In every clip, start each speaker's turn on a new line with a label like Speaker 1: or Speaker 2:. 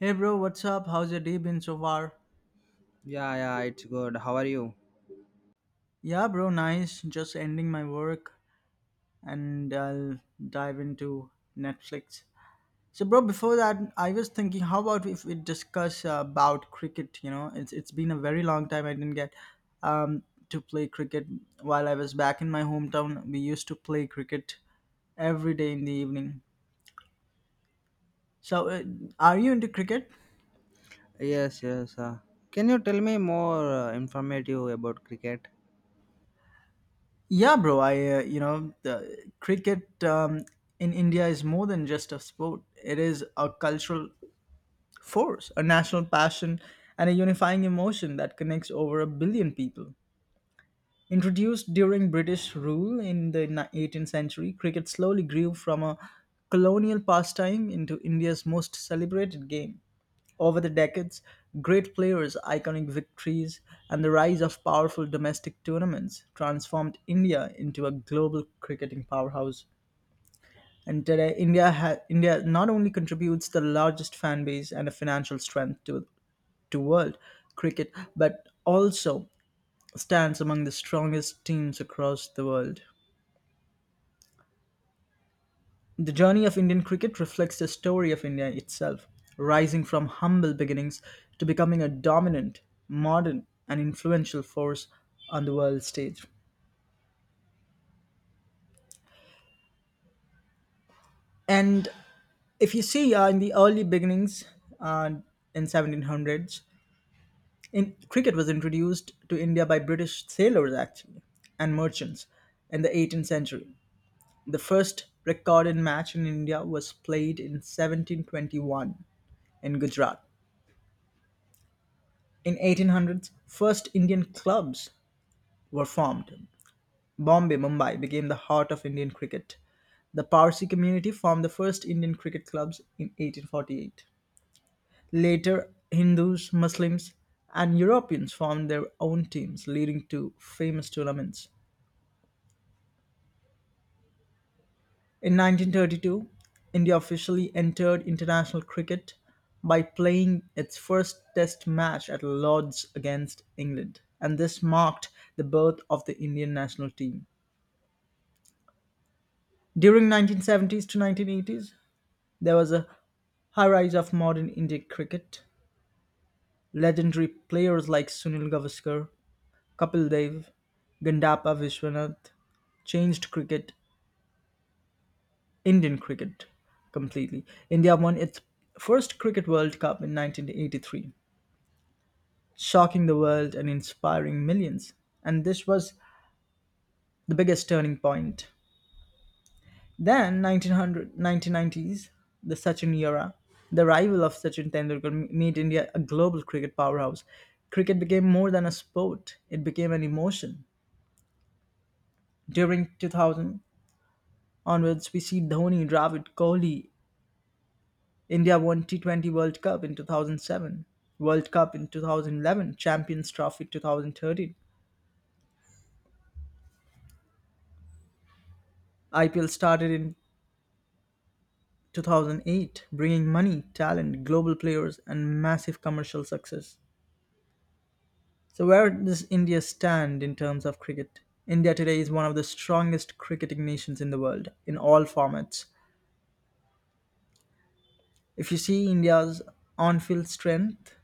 Speaker 1: Hey bro, what's up? How's your day been so far?
Speaker 2: Yeah, it's good. How are you?
Speaker 1: Yeah, bro, nice. Just ending my work and I'll dive into Netflix. So, bro, before that, I was thinking, how about if we discuss about cricket? You know, it's been a very long time I didn't get um, to play cricket. While I was back in my hometown, we used to play cricket every day in the evening. So, are you into cricket?
Speaker 2: Yes, yes. Can you tell me more informative about cricket?
Speaker 1: Yeah, bro. I You know the cricket in India is more than just a sport. It is a cultural force, a national passion, and a unifying emotion that connects over a billion people. Introduced during British rule in the 18th century, cricket slowly grew from a colonial pastime into India's most celebrated game. Over the decades, great players, iconic victories, and the rise of powerful domestic tournaments transformed India into a global cricketing powerhouse. And today, India not only contributes the largest fan base and a financial strength to world cricket, but also stands among the strongest teams across the world. The journey of Indian cricket reflects the story of India itself, rising from humble beginnings to becoming a dominant, modern, and influential force on the world stage. And if you see in the early beginnings uh, in 1700s, in, cricket was introduced to India by British sailors actually and merchants in the 18th century. The first recorded match in India was played in 1721 in Gujarat. In 1800s, first Indian clubs were formed. Bombay, Mumbai became the heart of Indian cricket. The Parsi community formed the first Indian cricket clubs in 1848. Later, Hindus, Muslims, and Europeans formed their own teams, leading to famous tournaments. In 1932, India officially entered international cricket by playing its first test match at Lord's against England, and this marked the birth of the Indian national team. During 1970s to 1980s, there was a high rise of modern Indian cricket. Legendary players like Sunil Gavaskar, Kapil Dev, Gandapa Vishwanath changed cricket Indian cricket completely. India won its first Cricket World Cup in 1983, shocking the world and inspiring millions. And this was the biggest turning point. Then, 1900, 1990s, the Sachin era, the arrival of Sachin Tendulkar made India a global cricket powerhouse. Cricket became more than a sport, it became an emotion. During 2000 onwards, we see Dhoni, Dravid, Kohli, India won T20 World Cup in 2007, World Cup in 2011, Champions Trophy 2013. IPL started in 2008, bringing money, talent, global players, and massive commercial success. So, where does India stand in terms of cricket? India today is one of the strongest cricketing nations in the world in all formats. If you see India's on field strength,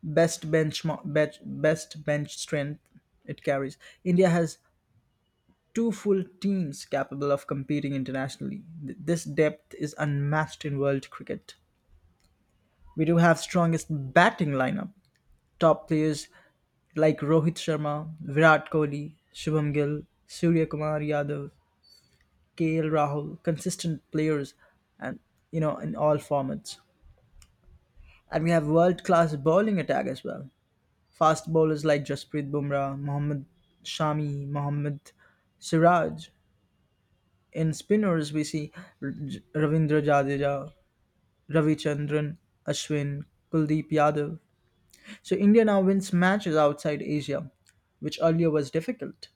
Speaker 1: best bench, best bench strength it carries, India has two full teams capable of competing internationally. This depth is unmatched in world cricket. We do have strongest batting lineup. Top players like Rohit Sharma, Virat Kohli, Shubham Gill, Surya Kumar Yadav, KL Rahul, consistent players and you know in all formats. And we have world class bowling attack as well. Fast bowlers like Jasprit Bumrah, Mohammad Shami, Mohammad Siraj, in spinners, we see Ravindra Jadeja, Ravichandran, Ashwin, Kuldeep Yadav. So India now wins matches outside Asia, which earlier was difficult.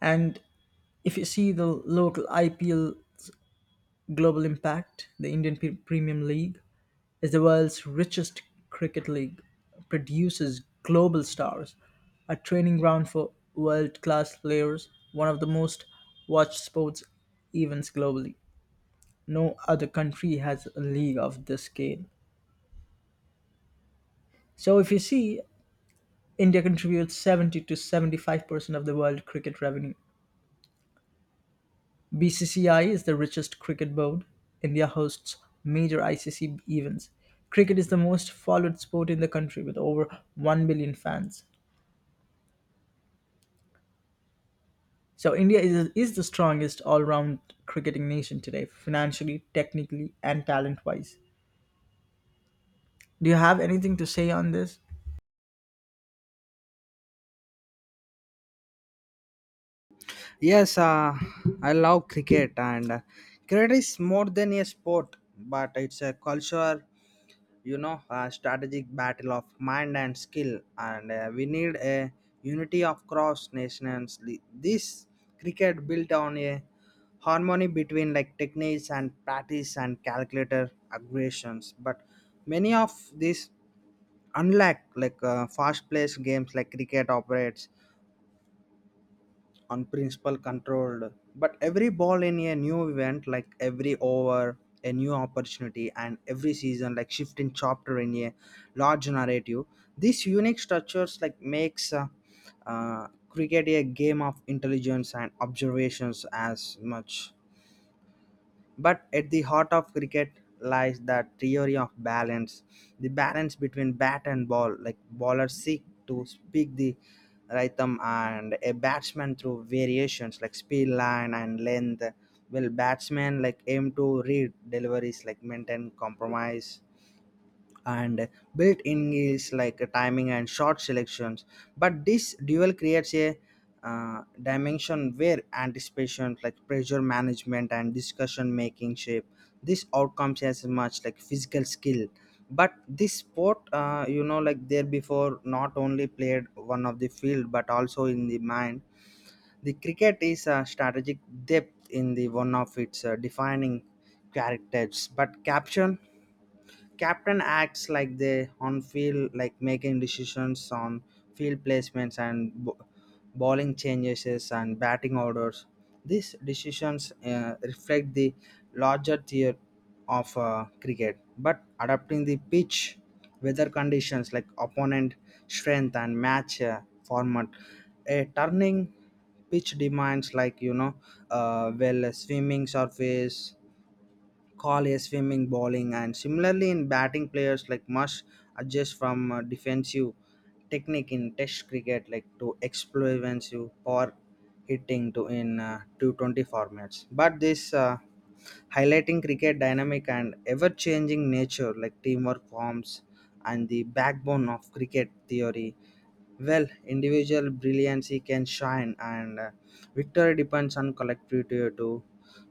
Speaker 1: And if you see the local IPL global impact, the Premium League is the world's richest cricket league, produces global stars, a training ground for world class players, one of the most watched sports events globally. No other country has a league of this scale. So if you see, India contributes 70 to 75% of the world cricket revenue. BCCI is the richest cricket board. India hosts major ICC events. Cricket is the most followed sport in the country with over 1 billion fans. So is the strongest all-round cricketing nation today, financially, technically, and talent-wise. Do you have anything to say on this?
Speaker 2: Yes, I love cricket, and cricket is more than a sport, but it's a culture, you know, a strategic battle of mind and skill, and we need a unity of cross nations. This cricket built on a harmony between like techniques and practice and calculator aggressions, but many of these unlike like fast-paced games like cricket operates on principle controlled but every ball in a new event like every over a new opportunity and every season like shifting chapter in a large narrative these unique structures like makes cricket a game of intelligence and observations as much but at the heart of cricket lies the theory of balance, the balance between bat and ball. Like bowlers seek to speak the rhythm, and a batsman through variations like speed, line, and length. Will batsmen like aim to read deliveries, like maintain compromise and built-in is like a timing and short selections but this dual creates a dimension where anticipation like pressure management and discussion making shape this outcomes as much like physical skill but this sport you know like there before not only played one of the field but also in the mind the cricket is a strategic depth in the one of its defining characters but caption captain acts like they on field like making decisions on field placements and bowling changes and batting orders these decisions reflect the larger tier of cricket but adapting the pitch weather conditions like opponent strength and match format a turning pitch demands like you know well a swimming surface Collier swimming, bowling, and similarly in batting, players like must adjust from defensive technique in Test cricket like to explosive power hitting to in 220 formats. But this highlighting cricket dynamic and ever-changing nature like teamwork forms and the backbone of cricket theory. Well, individual brilliancy can shine and victory depends on collectivity too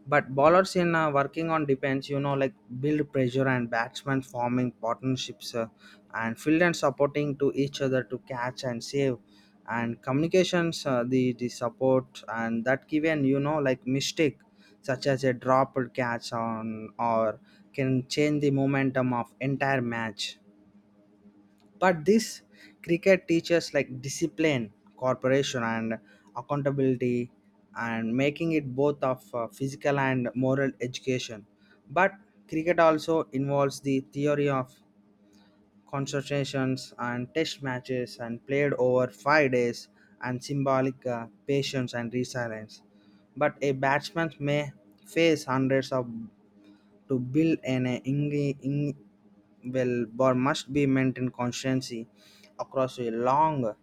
Speaker 2: but bowlers in working on defense, you know, like build pressure and batsmen forming partnerships and field and supporting to each other to catch and save and communications the- support and that given you know like mistake such as a dropped catch on or can change the momentum of entire match but this cricket teaches like discipline cooperation and accountability and making it both of physical and moral education but cricket also involves the theory of concentrations and test matches and played over 5 days and symbolic patience and resilience but a batsman may face hundreds of to build an ing- well bar must be maintained constantly across a long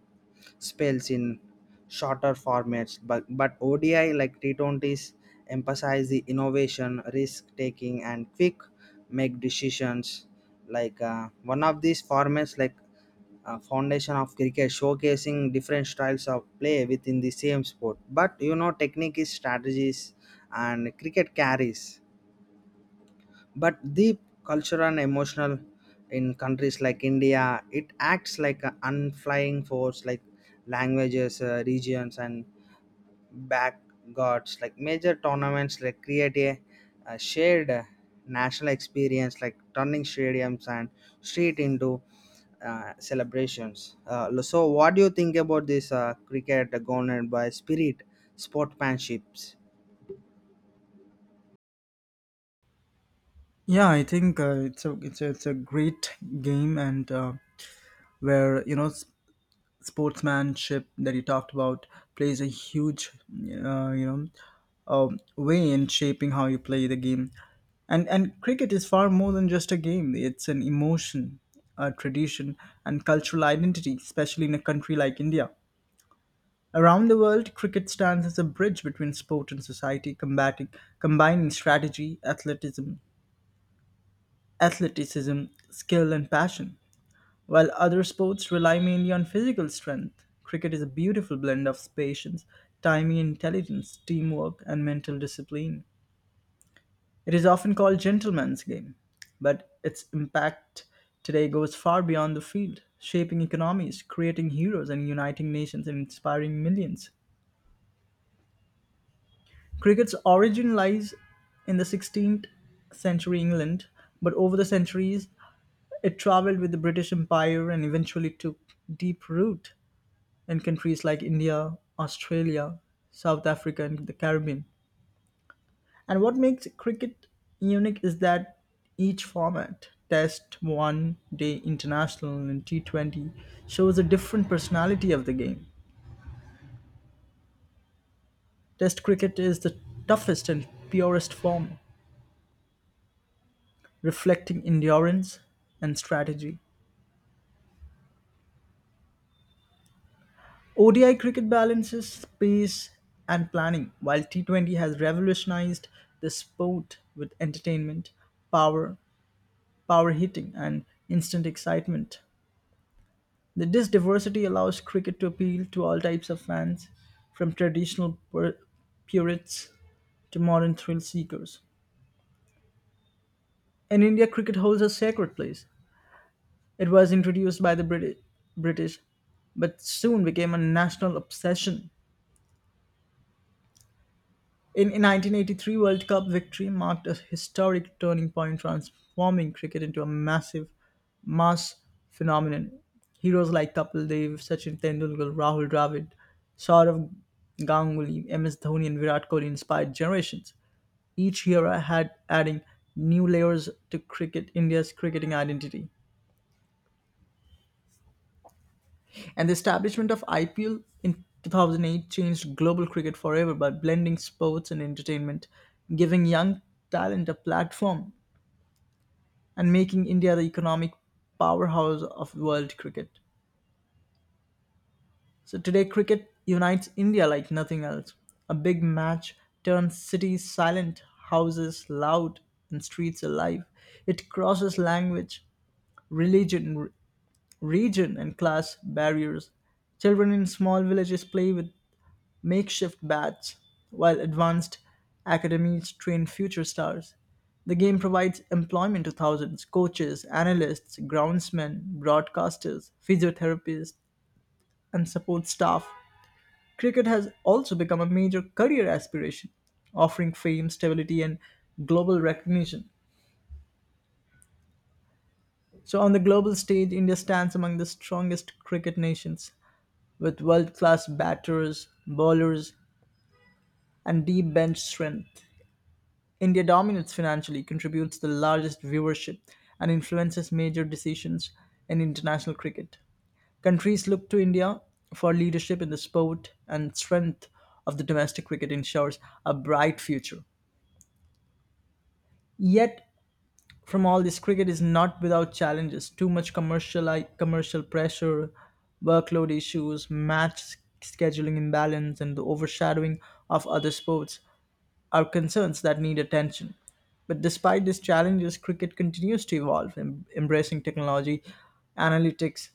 Speaker 2: spells in shorter formats. But ODI like T20s emphasize the innovation, risk taking, and quick make decisions. Like one of these formats, like foundation of cricket, showcasing different styles of play within the same sport. But you know, technique is strategies, and cricket carries but the cultural and emotional in countries like india it acts like an unflying force like languages regions and back gods like major tournaments like create a shared national experience like turning stadiums and street into celebrations so what do you think about this cricket governed by spirit sportsmanships?
Speaker 1: Yeah, I think it's it's a great game, and where you know sportsmanship that you talked about plays a huge way in shaping how you play the game. And cricket is far more than just a game. It's an emotion, a tradition, and cultural identity, especially in a country like India. Around the world, cricket stands as a bridge between sport and society, combating combining strategy, athleticism, skill, and passion. While other sports rely mainly on physical strength, cricket is a beautiful blend of patience, timing, intelligence, teamwork, and mental discipline. It is often called gentleman's game, but its impact today goes far beyond the field, shaping economies, creating heroes, and uniting nations and inspiring millions. Cricket's origin lies in the 16th century England, but over the centuries, it traveled with the British Empire and eventually took deep root in countries like India, Australia, South Africa, and the Caribbean. And what makes cricket unique is that each format, Test, One Day International, and T20, shows a different personality of the game. Test cricket is the toughest and purest form, reflecting endurance and strategy. ODI cricket balances pace and planning, while T20 has revolutionized the sport with entertainment, power, power hitting, and instant excitement. This diversity allows cricket to appeal to all types of fans, from traditional purists to modern thrill seekers. In India, cricket holds a sacred place. It was introduced by the British, but soon became a national obsession. In 1983 World Cup victory marked a historic turning point, transforming cricket into a mass phenomenon. Heroes like Kapil Dev, Sachin Tendulkar, Rahul Dravid, Saurav Ganguly, MS Dhoni, and Virat Kohli inspired generations. Each era had adding new layers to cricket India's cricketing identity. And the establishment of IPL in 2008 changed global cricket forever by blending sports and entertainment, giving young talent a platform, and making India the economic powerhouse of world cricket. So today, cricket unites India like nothing else. A big match turns cities silent, houses loud, and streets alive. It crosses language, religion, region, and class barriers. Children in small villages play with makeshift bats, while advanced academies train future stars. The game provides employment to thousands coaches, analysts, groundsmen, broadcasters, physiotherapists, and support staff. Cricket has also become a major career aspiration, offering fame, stability, and global recognition. So, on the global stage, India stands among the strongest cricket nations with world class batters, bowlers, and deep bench strength. India dominates financially, contributes the largest viewership, and influences major decisions in international cricket. Countries look to India for leadership in the sport and strength of the domestic cricket ensures a bright future. Yet from all this, cricket is not without challenges. Too much commercial like, Commercial pressure, workload issues, match scheduling imbalance, and the overshadowing of other sports are concerns that need attention. But despite these challenges, cricket continues to evolve, embracing technology, analytics,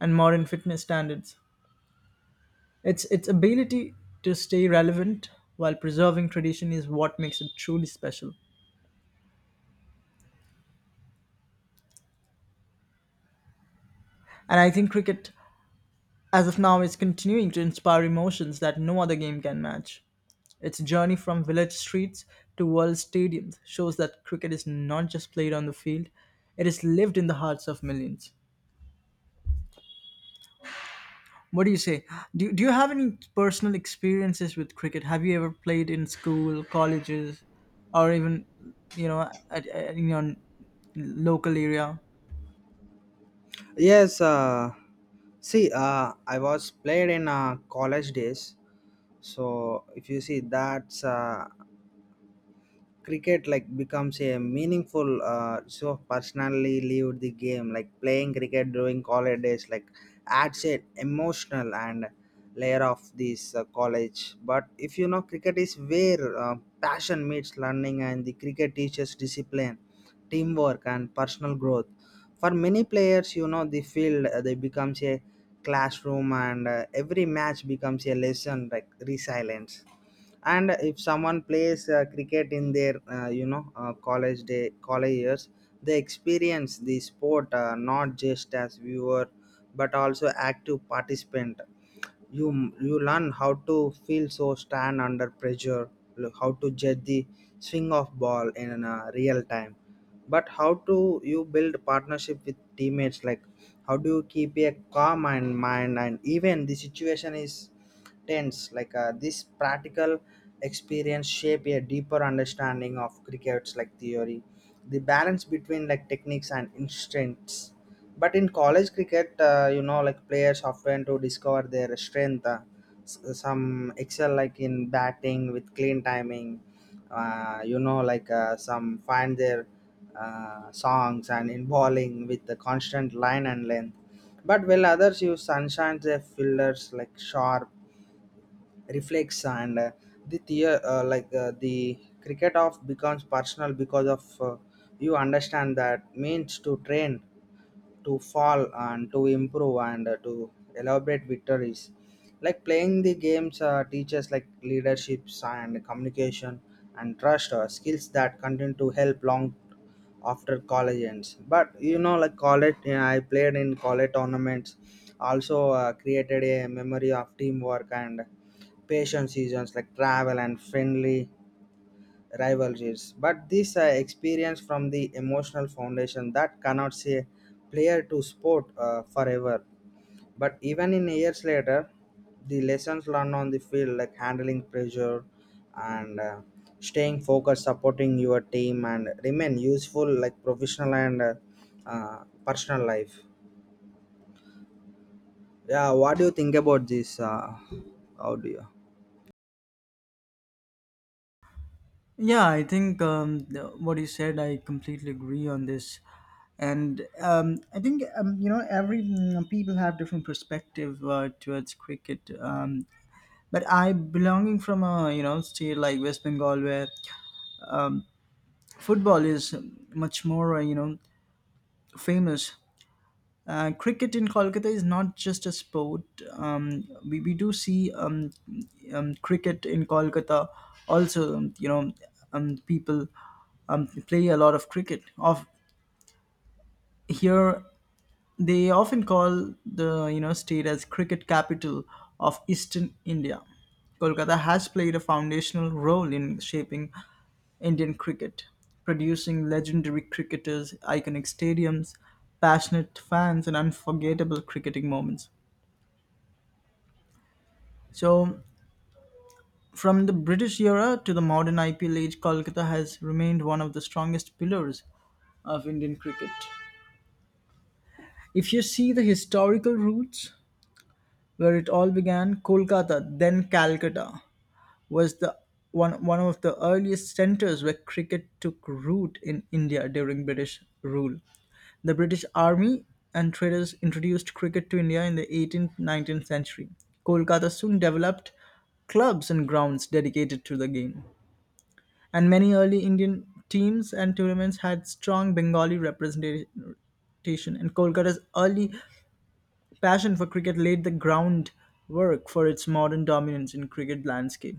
Speaker 1: and modern fitness standards. Its ability to stay relevant while preserving tradition is what makes it truly special. And I think cricket, as of now, it's continuing to inspire emotions that no other game can match. Its journey from village streets to world stadiums shows that cricket is not just played on the field, it is lived in the hearts of millions. What do you say? Do you have any personal experiences with cricket? Have you ever played in school, colleges, or even you know in your local area?
Speaker 2: Yes, see, I was played in college days. So if you see that's cricket like becomes a meaningful so personally lived the game like playing cricket during holidays like adds an emotional and layer of this college but if you know cricket is where passion meets learning and the cricket teaches discipline teamwork and personal growth for many players you know the field they becomes a classroom and every match becomes a lesson like resilience and if someone plays cricket in their you know college years they experience the sport not just as viewer but also active participant you learn how to feel so stand under pressure how to judge the swing of ball in a real time but how do you build partnership with teammates like how do you keep a calm and mind and even the situation is tense like this practical experience shape a deeper understanding of cricket's like theory the balance between like techniques and instincts but in college cricket you know like players often to discover their strength some excel like in batting with clean timing you know like some find their songs and involving with the constant line and length. But while others use sunshine, their fillers like sharp reflex and like the cricket of becomes personal because of you understand that means to train to fall and to improve and to elaborate victories like playing the games teaches like leaderships and communication and trust are skills that continue to help long after college ends but you know like college you know, I played in college tournaments also created a memory of teamwork and patient seasons like travel and friendly rivalries. But these are experience from the emotional foundation that cannot say player to sport forever. But even in years later, the lessons learned on the field like handling pressure and staying focused, supporting your team, and remain useful like professional and personal life. Yeah, what do you think about this? How do you?
Speaker 1: Yeah, I think what you said, I completely agree on this, and I think you know every people have different perspective towards cricket. But I belonging from a you know state like West Bengal where football is much more famous. Cricket in Kolkata is not just a sport. We do see cricket in Kolkata also, people play a lot of cricket. Of here they often call the you know state as cricket capital of Eastern India. Kolkata has played a foundational role in shaping Indian cricket, producing legendary cricketers, iconic stadiums, passionate fans, and unforgettable cricketing moments. So, from the British era to the modern IPL age, Kolkata has remained one of the strongest pillars of Indian cricket. If you see the historical roots, where it all began, Kolkata, then Calcutta, was one of the earliest centres where cricket took root in India during British rule. The British army and traders introduced cricket to India in the 18th 19th century. Kolkata soon developed clubs and grounds dedicated to the game, and many early Indian teams and tournaments had strong Bengali representation. And Kolkata's early passion for cricket laid the groundwork for its modern dominance in cricket landscape.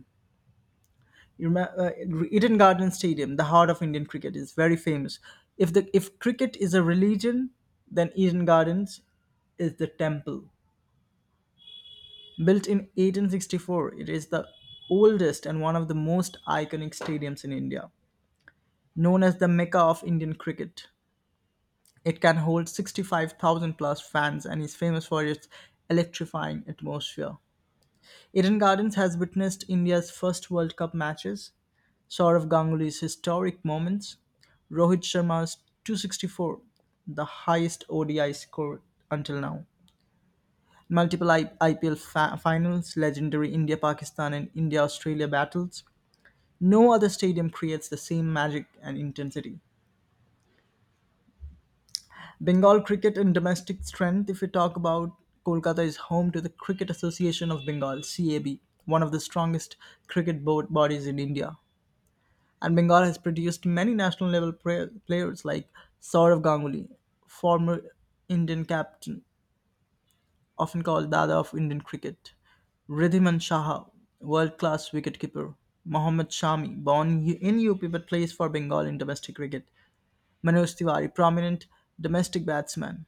Speaker 1: Eden Garden Stadium, the heart of Indian cricket, is very famous. If cricket is a religion, then Eden Gardens is the temple. Built in 1864, it is the oldest and one of the most iconic stadiums in India. Known as the Mecca of Indian cricket, it can hold 65,000 plus fans and is famous for its electrifying atmosphere. Eden Gardens has witnessed India's first World Cup matches, Sourav Ganguly's historic moments, Rohit Sharma's 264, the highest ODI score until now. Multiple IPL finals, legendary India Pakistan and India Australia battles. No other stadium creates the same magic and intensity. Bengal cricket and domestic strength, if we talk about Kolkata, is home to the Cricket Association of Bengal, CAB, one of the strongest cricket board bodies in India. And Bengal has produced many national level players like Saurav Ganguly, former Indian captain, often called Dada of Indian cricket, Ridhiman Shah, world class wicketkeeper, Mohammad Shami, born in UP but plays for Bengal in domestic cricket, Manoj Tiwari, prominent domestic batsman.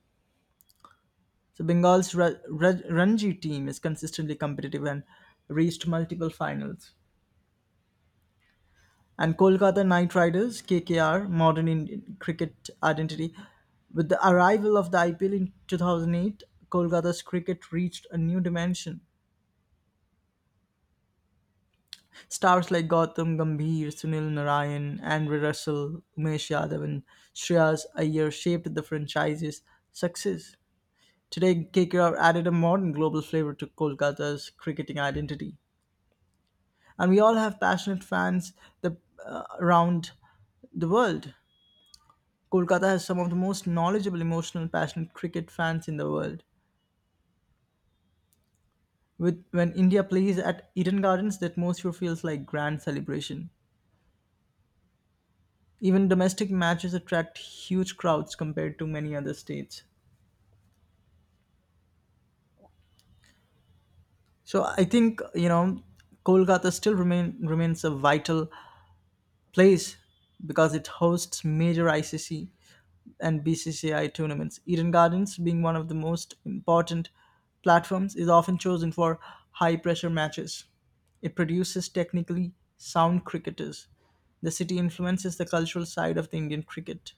Speaker 1: So Bengal's Ranji team is consistently competitive and reached multiple finals. And Kolkata Knight Riders (KKR), modern Indian cricket identity. With the arrival of the IPL in 2008, Kolkata's cricket reached a new dimension. Stars like Gautam Gambhir, Sunil Narayan, Andre Russell, Umesh Yadav, and Shreyas Iyer shaped the franchise's success. Today, KKR added a modern global flavor to Kolkata's cricketing identity. And we all have passionate fans the, around the world. Kolkata has some of the most knowledgeable, emotional, passionate cricket fans in the world. With when India plays at Eden Gardens, the atmosphere feels like grand celebration. Even domestic matches attract huge crowds compared to many other states. So I think you know Kolkata still remains a vital place because it hosts major ICC and BCCI tournaments. Eden Gardens, being one of the most important platforms, is often chosen for high pressure matches. It produces technically sound cricketers. The city influences the cultural side of the Indian cricket.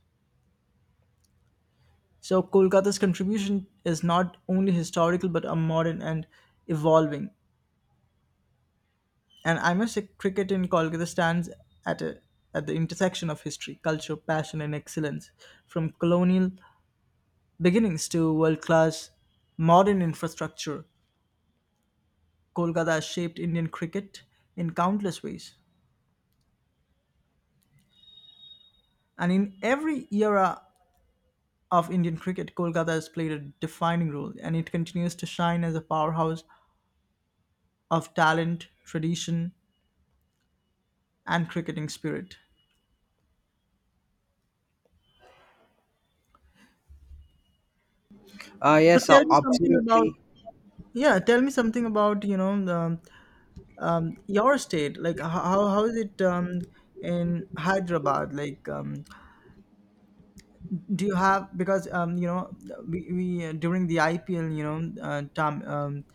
Speaker 1: So, Kolkata's contribution is not only historical but a modern and evolving. And I must say, cricket in Kolkata stands at, a, at the intersection of history, culture, passion, and excellence. From colonial beginnings to world class modern infrastructure, Kolkata has shaped Indian cricket in countless ways. And in every era of Indian cricket, Kolkata has played a defining role, and it continues to shine as a powerhouse of talent, tradition, and cricketing spirit. So
Speaker 2: Yes,
Speaker 1: tell me something about
Speaker 2: absolutely.
Speaker 1: yeah, tell me something about you know the your state like how is it in hyderabad like do you have because you know we during the ipl you know tom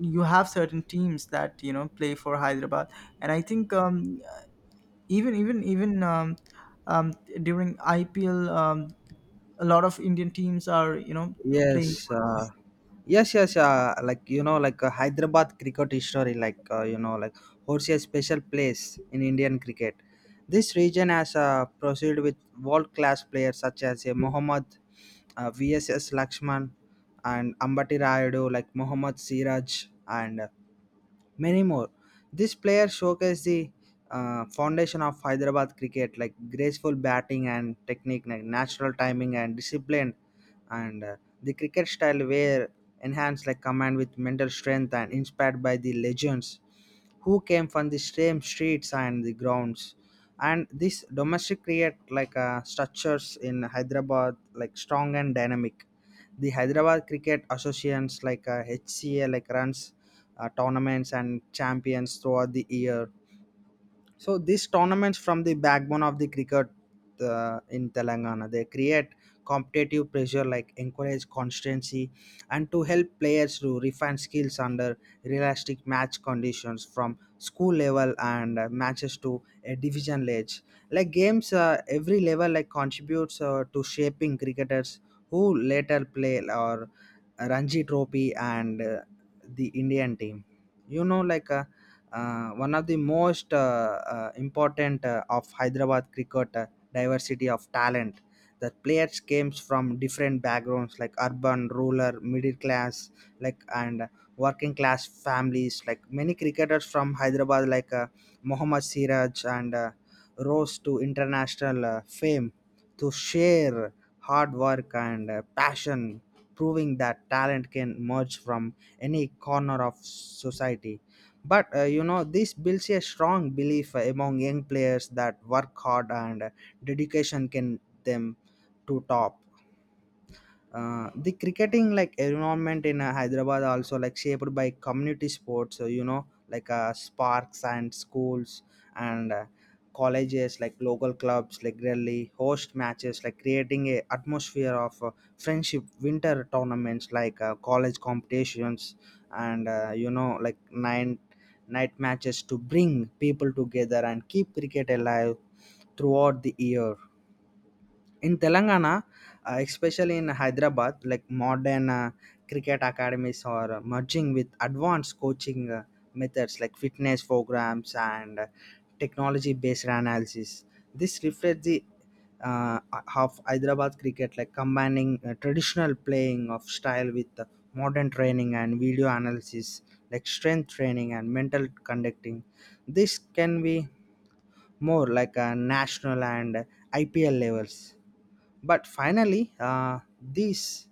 Speaker 1: you have certain teams that you know play for hyderabad and I think even even even um, during ipl a lot of indian teams are you know playing.
Speaker 2: Yes, yes, yes. Like you know, like Hyderabad cricket history, like you know, like holds a special place in Indian cricket. This region has proceeded with world-class players such as Mohammad VSS Lakshman and Ambati Rayudu, like Mohammad Siraj and many more. This player showcased the foundation of Hyderabad cricket, like graceful batting and technique, like natural timing and discipline and the cricket style were enhanced like command with mental strength and inspired by the legends who came from the same streets and the grounds and this domestic create like structures in hyderabad like strong and dynamic the hyderabad cricket associations like HCA like runs tournaments and champions throughout the year so these tournaments from the backbone of the cricket in Telangana. They create competitive pressure, like encourage constancy, and to help players to refine skills under realistic match conditions from school level and matches to a division ledge. Like games, every level like contributes to shaping cricketers who later play or Ranji Trophy and the Indian team. You know, like. One of the most important of Hyderabad cricket diversity of talent. The players came from different backgrounds like urban, rural, middle class, like and working class families. Like many cricketers from Hyderabad, like Mohammad Siraj and rose to international fame to share hard work and passion, proving that talent can emerge from any corner of society but you know this builds a strong belief among young players that work hard and dedication can them to top the cricketing like environment in hyderabad also like shaped by community sports so you know like sparks and schools and colleges like local clubs like really host matches like creating a atmosphere of friendship winter tournaments like college competitions and you know like nine night matches to bring people together and keep cricket alive throughout the year in telangana especially in hyderabad like modern cricket academies are merging with advanced coaching methods like fitness programs and technology based analysis this reflects the uh, of hyderabad cricket like combining traditional playing of style with modern training and video analysis like strength training and mental conducting this can be more like a national and IPL levels but finally this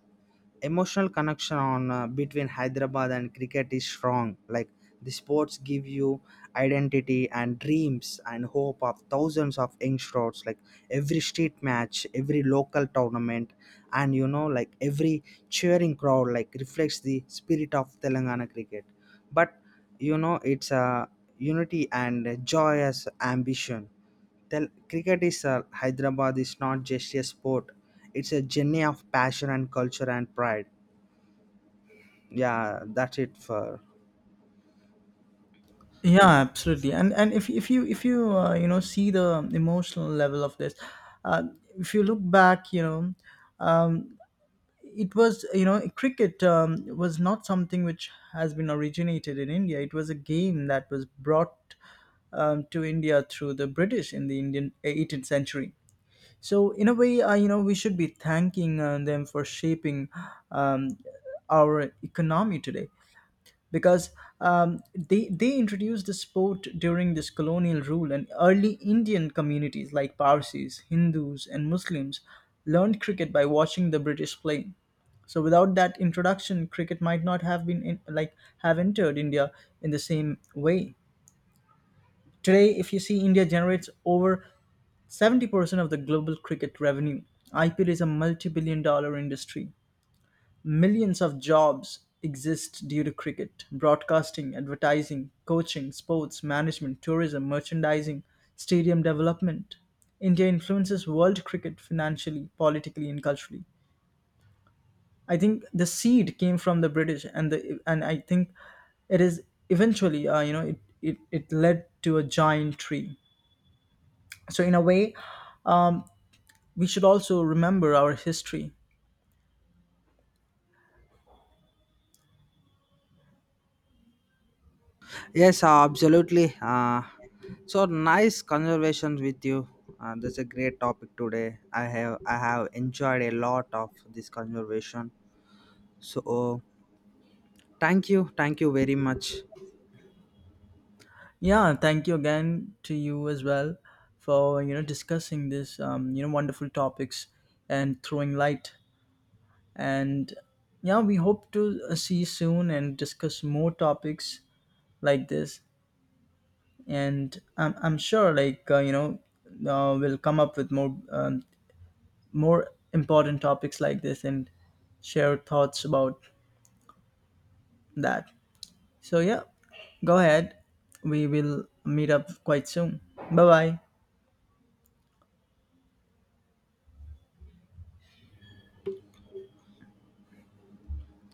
Speaker 2: emotional connection on between hyderabad and cricket is strong like the sports give you identity and dreams and hope of thousands of youngsters like every street match every local tournament and you know like every cheering crowd like reflects the spirit of telangana cricket but you know it's a unity and joyous ambition then cricket is Hyderabad is not just a sport; it's a journey of passion and culture and pride. Yeah, that's it for.
Speaker 1: Yeah, absolutely. And if you if you you know see the emotional level of this, uh, if you look back you know um, it was you know cricket was not something which has been originated in india, it was a game that was brought to india through the british in the indian 18th century. So in a way you know we should be thanking them for shaping um, our economy today, because they introduced the sport during this colonial rule and early Indian communities like Parsis, Hindus, and Muslims learned cricket by watching the British play. So without that introduction, cricket might not have been in, like have entered India in the same way. Today, if you see, India generates over 70% of the global cricket revenue. IPL is a multi billion dollar industry. Millions of jobs exist due to cricket broadcasting, advertising, coaching, sports, management, tourism, merchandising, stadium development. India influences world cricket financially, politically, and culturally. I think the seed came from the British, and the and I think it is eventually, you know, it led to a giant tree. So in a way, we should also remember our history.
Speaker 2: Yes, absolutely. So nice conversation with you. That's a great topic today. I have enjoyed a lot of this conversation. So thank you very much.
Speaker 1: Yeah, thank you again to you as well for you know discussing this you know wonderful topics and throwing light. And yeah, we hope to see you soon and discuss more topics like this. And I'm sure like you know we'll come up with more important topics like this and share thoughts about that. So yeah, go ahead. We will meet up quite soon. Bye bye.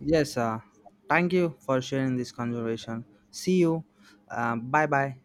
Speaker 2: Yes, thank you for sharing this conversation. See you. Bye bye.